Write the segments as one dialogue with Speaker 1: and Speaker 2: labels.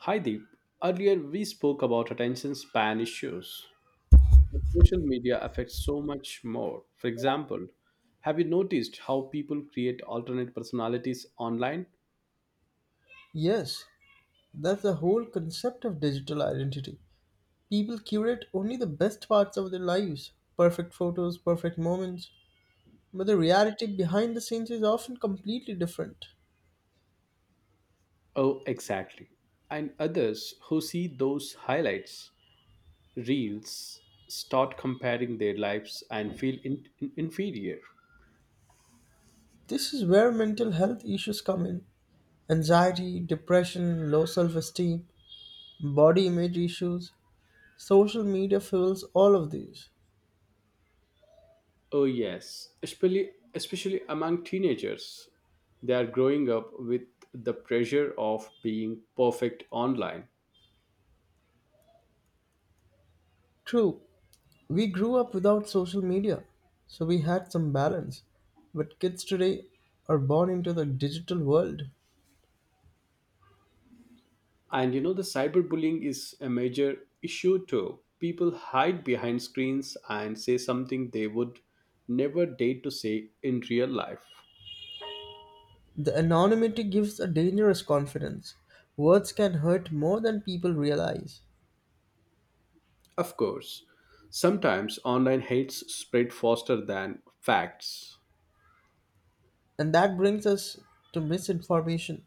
Speaker 1: Hi Deep. Earlier we spoke about attention span issues. But social media affects so much more. For example, have you noticed how people create alternate personalities online?
Speaker 2: Yes, that's the whole concept of digital identity. People curate only the best parts of their lives, perfect photos, perfect moments. But the reality behind the scenes is often completely different.
Speaker 1: Oh, exactly. And others who see those highlights, reels, start comparing their lives and feel inferior.
Speaker 2: This is where mental health issues come in, anxiety, depression, low self esteem, body image issues. Social media fuels all of these.
Speaker 1: Oh yes, especially among teenagers. They are growing up with the pressure of being perfect online.
Speaker 2: True, we grew up without social media, so we had some balance. But kids today are born into the digital world.
Speaker 1: And the cyberbullying is a major issue too. People hide behind screens and say something they would never dare to say in real life.
Speaker 2: The anonymity gives a dangerous confidence. Words can hurt more than people realize.
Speaker 1: Of course, sometimes online hates spread faster than facts.
Speaker 2: And that brings us to misinformation.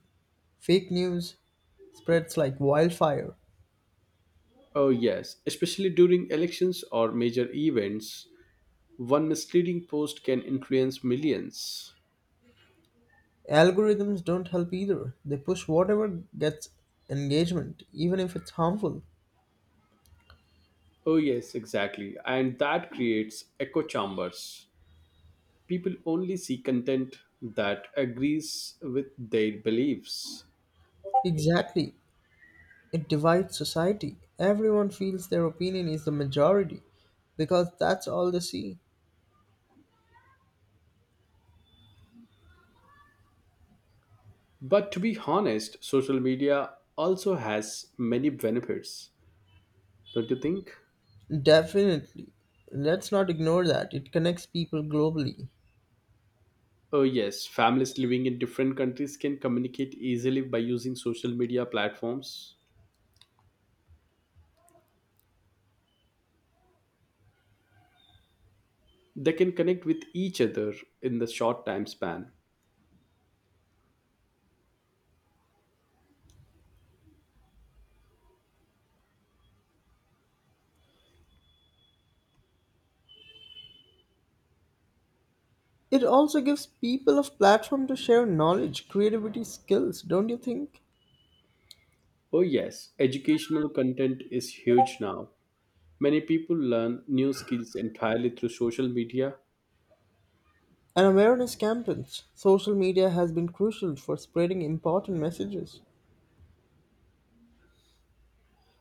Speaker 2: Fake news spreads like wildfire.
Speaker 1: Oh, yes, especially during elections or major events, one misleading post can influence millions.
Speaker 2: Algorithms don't help either. They push whatever gets engagement, even if it's harmful.
Speaker 1: Oh, yes, exactly. And that creates echo chambers, people only see content that agrees with their beliefs.
Speaker 2: Exactly. It divides society. Everyone feels their opinion is the majority because that's all they see.
Speaker 1: But to be honest, social media also has many benefits, don't you think?
Speaker 2: Definitely. Let's not ignore that. It connects people globally.
Speaker 1: Oh, yes, families living in different countries can communicate easily by using social media platforms. They can connect with each other in the short time span.
Speaker 2: It also gives people a platform to share knowledge, creativity, skills, don't you think?
Speaker 1: Oh, yes, educational content is huge now. Many people learn new skills entirely through social media.
Speaker 2: And awareness campaigns. Social media has been crucial for spreading important messages.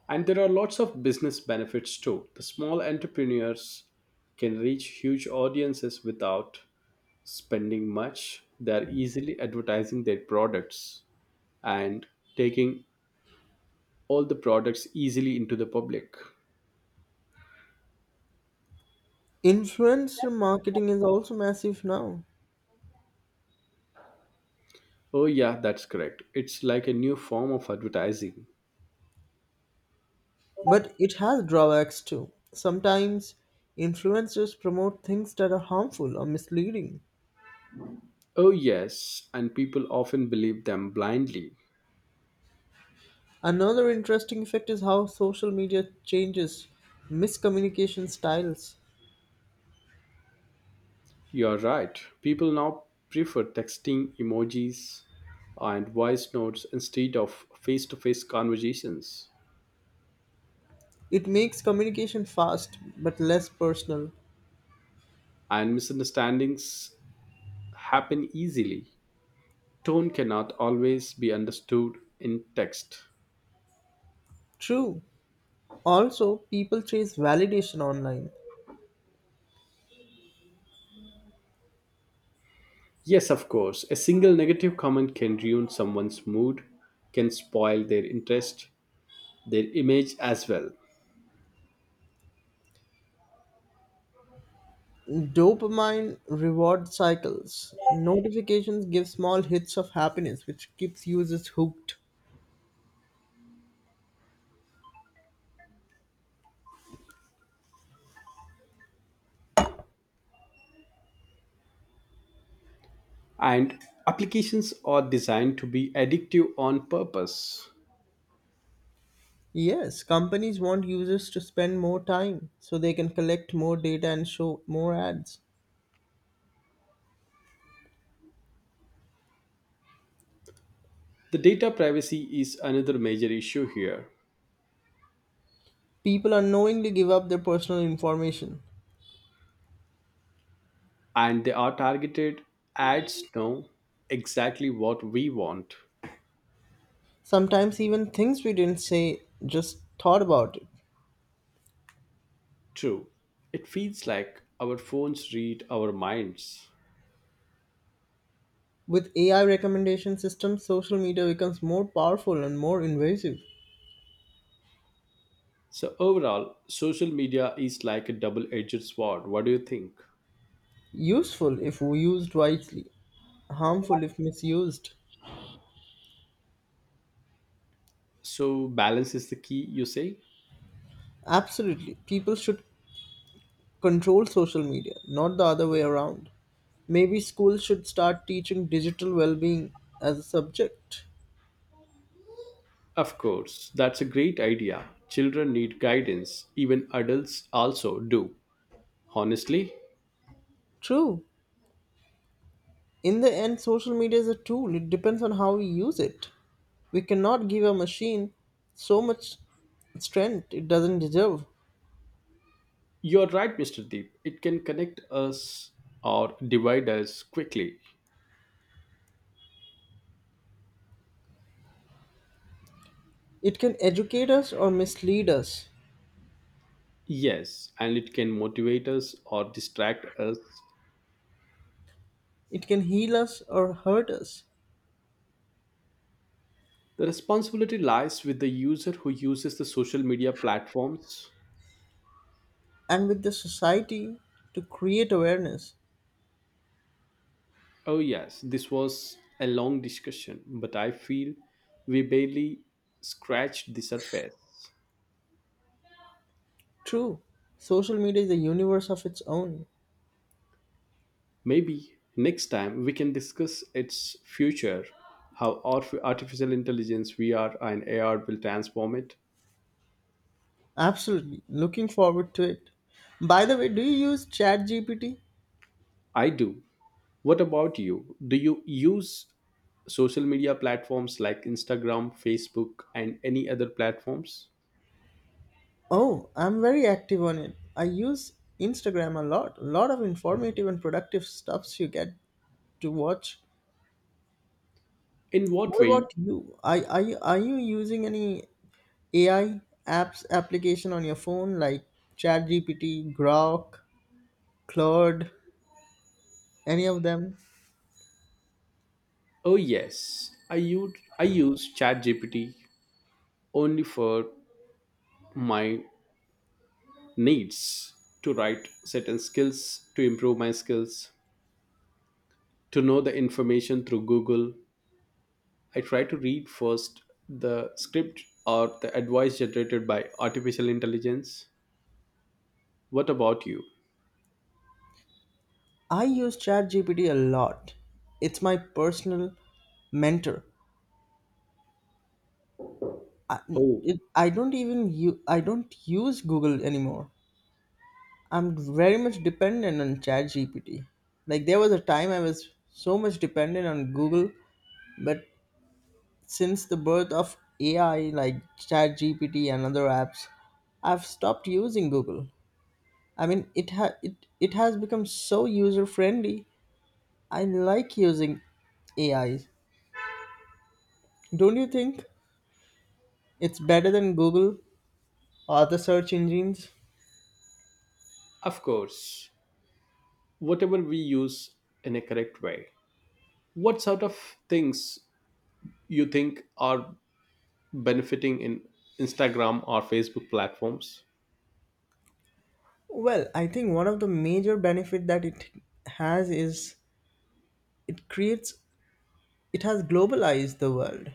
Speaker 1: And there are lots of business benefits too. The small entrepreneurs can reach huge audiences without spending much. They're easily advertising their products and taking all the products easily into the public.
Speaker 2: Influencer marketing is also massive now,
Speaker 1: Oh, yeah, that's correct. It's like a new form of advertising.
Speaker 2: but it has drawbacks too. Sometimes influencers promote things that are harmful or misleading.
Speaker 1: Oh, yes, and people often believe them blindly.
Speaker 2: Another interesting effect is how social media changes miscommunication styles.
Speaker 1: You're right. People now prefer texting emojis and voice notes instead of face to face conversations.
Speaker 2: It makes communication fast but less personal.
Speaker 1: And misunderstandings happen easily. Tone cannot always be understood in text.
Speaker 2: True. Also, people chase validation online.
Speaker 1: Yes, of course, a single negative comment can ruin someone's mood, can spoil their interest, their image as well.
Speaker 2: Dopamine reward cycles. Notifications give small hits of happiness, which keeps users hooked.
Speaker 1: And applications are designed to be addictive on purpose.
Speaker 2: Yes, companies want users to spend more time so they can collect more data and show more ads.
Speaker 1: The data privacy is another major issue here,
Speaker 2: People unknowingly give up their personal information.
Speaker 1: and they are targeted ads know exactly what we want.
Speaker 2: Sometimes even things we didn't say, just thought about it.
Speaker 1: True, it feels like our phones read our minds.
Speaker 2: With AI recommendation systems, social media becomes more powerful and more invasive.
Speaker 1: So, overall, social media is like a double edged sword. What do you think?
Speaker 2: Useful if used wisely, harmful if misused.
Speaker 1: So, balance is the key, you say?
Speaker 2: Absolutely. People should control social media, not the other way around. Maybe schools should start teaching digital well being as a subject.
Speaker 1: Of course, that's a great idea. Children need guidance, even adults also do. Honestly.
Speaker 2: True. In the end, social media is a tool, it depends on how we use it. We cannot give a machine so much strength it doesn't deserve.
Speaker 1: You're right, Mr. Deep. It can connect us or divide us quickly.
Speaker 2: It can educate us or mislead us,
Speaker 1: Yes, and it can motivate us or distract us.
Speaker 2: it can heal us or hurt us.
Speaker 1: The responsibility lies with the user who uses the social media platforms.
Speaker 2: And with the society to create awareness.
Speaker 1: Oh, yes, this was a long discussion, but I feel we barely scratched the surface.
Speaker 2: True, social media is a universe of its own.
Speaker 1: Maybe next time we can discuss its future, how artificial intelligence, VR, and AR will transform it.
Speaker 2: Absolutely, looking forward to it. By the way, do you use ChatGPT?
Speaker 1: I do. What about you? Do you use social media platforms like Instagram, Facebook, and any other platforms?
Speaker 2: Oh, I'm very active on it. I use Instagram a lot. A lot of informative and productive stuffs you get to watch.
Speaker 1: In what
Speaker 2: What
Speaker 1: way?
Speaker 2: about you? Are you using any AI apps application on your phone like ChatGPT, Grok, Claude, any of them?
Speaker 1: Oh yes, I use ChatGPT only for my needs to write certain skills, to improve my skills, to know the information through Google. I try to read first the script or the advice generated by artificial intelligence. What about you?
Speaker 2: I use ChatGPT a lot. It's my personal mentor. I,
Speaker 1: Oh,
Speaker 2: I don't use Google anymore. I'm very much dependent on ChatGPT. Like there was a time I was so much dependent on Google, but since the birth of AI like ChatGPT and other apps, I've stopped using Google. I mean, it ha- it has become so user friendly. I like using AIs. Don't you think? It's better than Google or other search engines.
Speaker 1: of course. Whatever we use in a correct way, what sort of things you think are benefiting in Instagram or Facebook platforms?
Speaker 2: Well, I think one of the major benefit that it has is it creates it has globalized the world.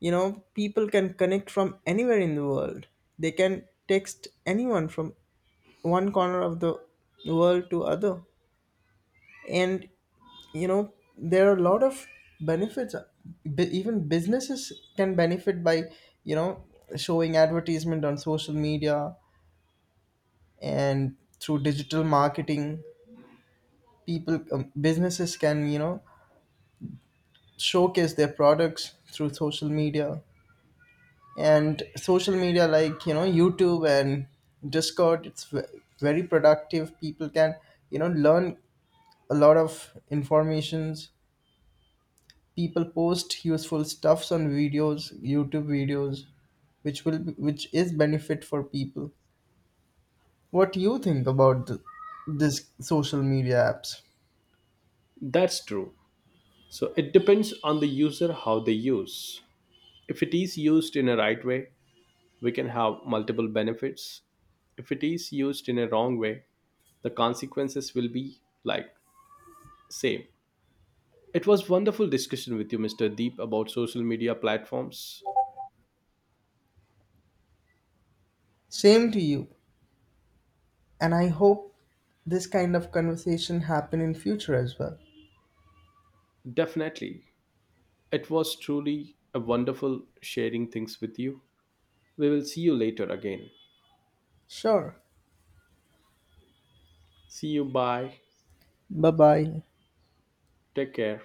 Speaker 2: You know, people can connect from anywhere in the world. They can text anyone from one corner of the world to other. And you know, there are a lot of benefits. Even businesses can benefit by, you know, showing advertisement on social media, and through digital marketing people, businesses can, you know, showcase their products through social media. And social media like, you know, youtube and discord, very productive. People can, you know, learn a lot of informations. People post useful stuffs on videos, youtube videos, which will which is benefit for people. What do you think about this social media apps?
Speaker 1: That's true, so it depends on the user how they use. If it is used in a right way, we can have multiple benefits. If it is used in a wrong way, the consequences will be like same. It was wonderful discussion with you, Mr. Deep, about social media platforms.
Speaker 2: Same to you, and I hope this kind of conversation happen in future as well.
Speaker 1: Definitely. It was truly a wonderful sharing things with you. We will see you later again.
Speaker 2: Sure.
Speaker 1: See you. Bye.
Speaker 2: Bye bye.
Speaker 1: Take care.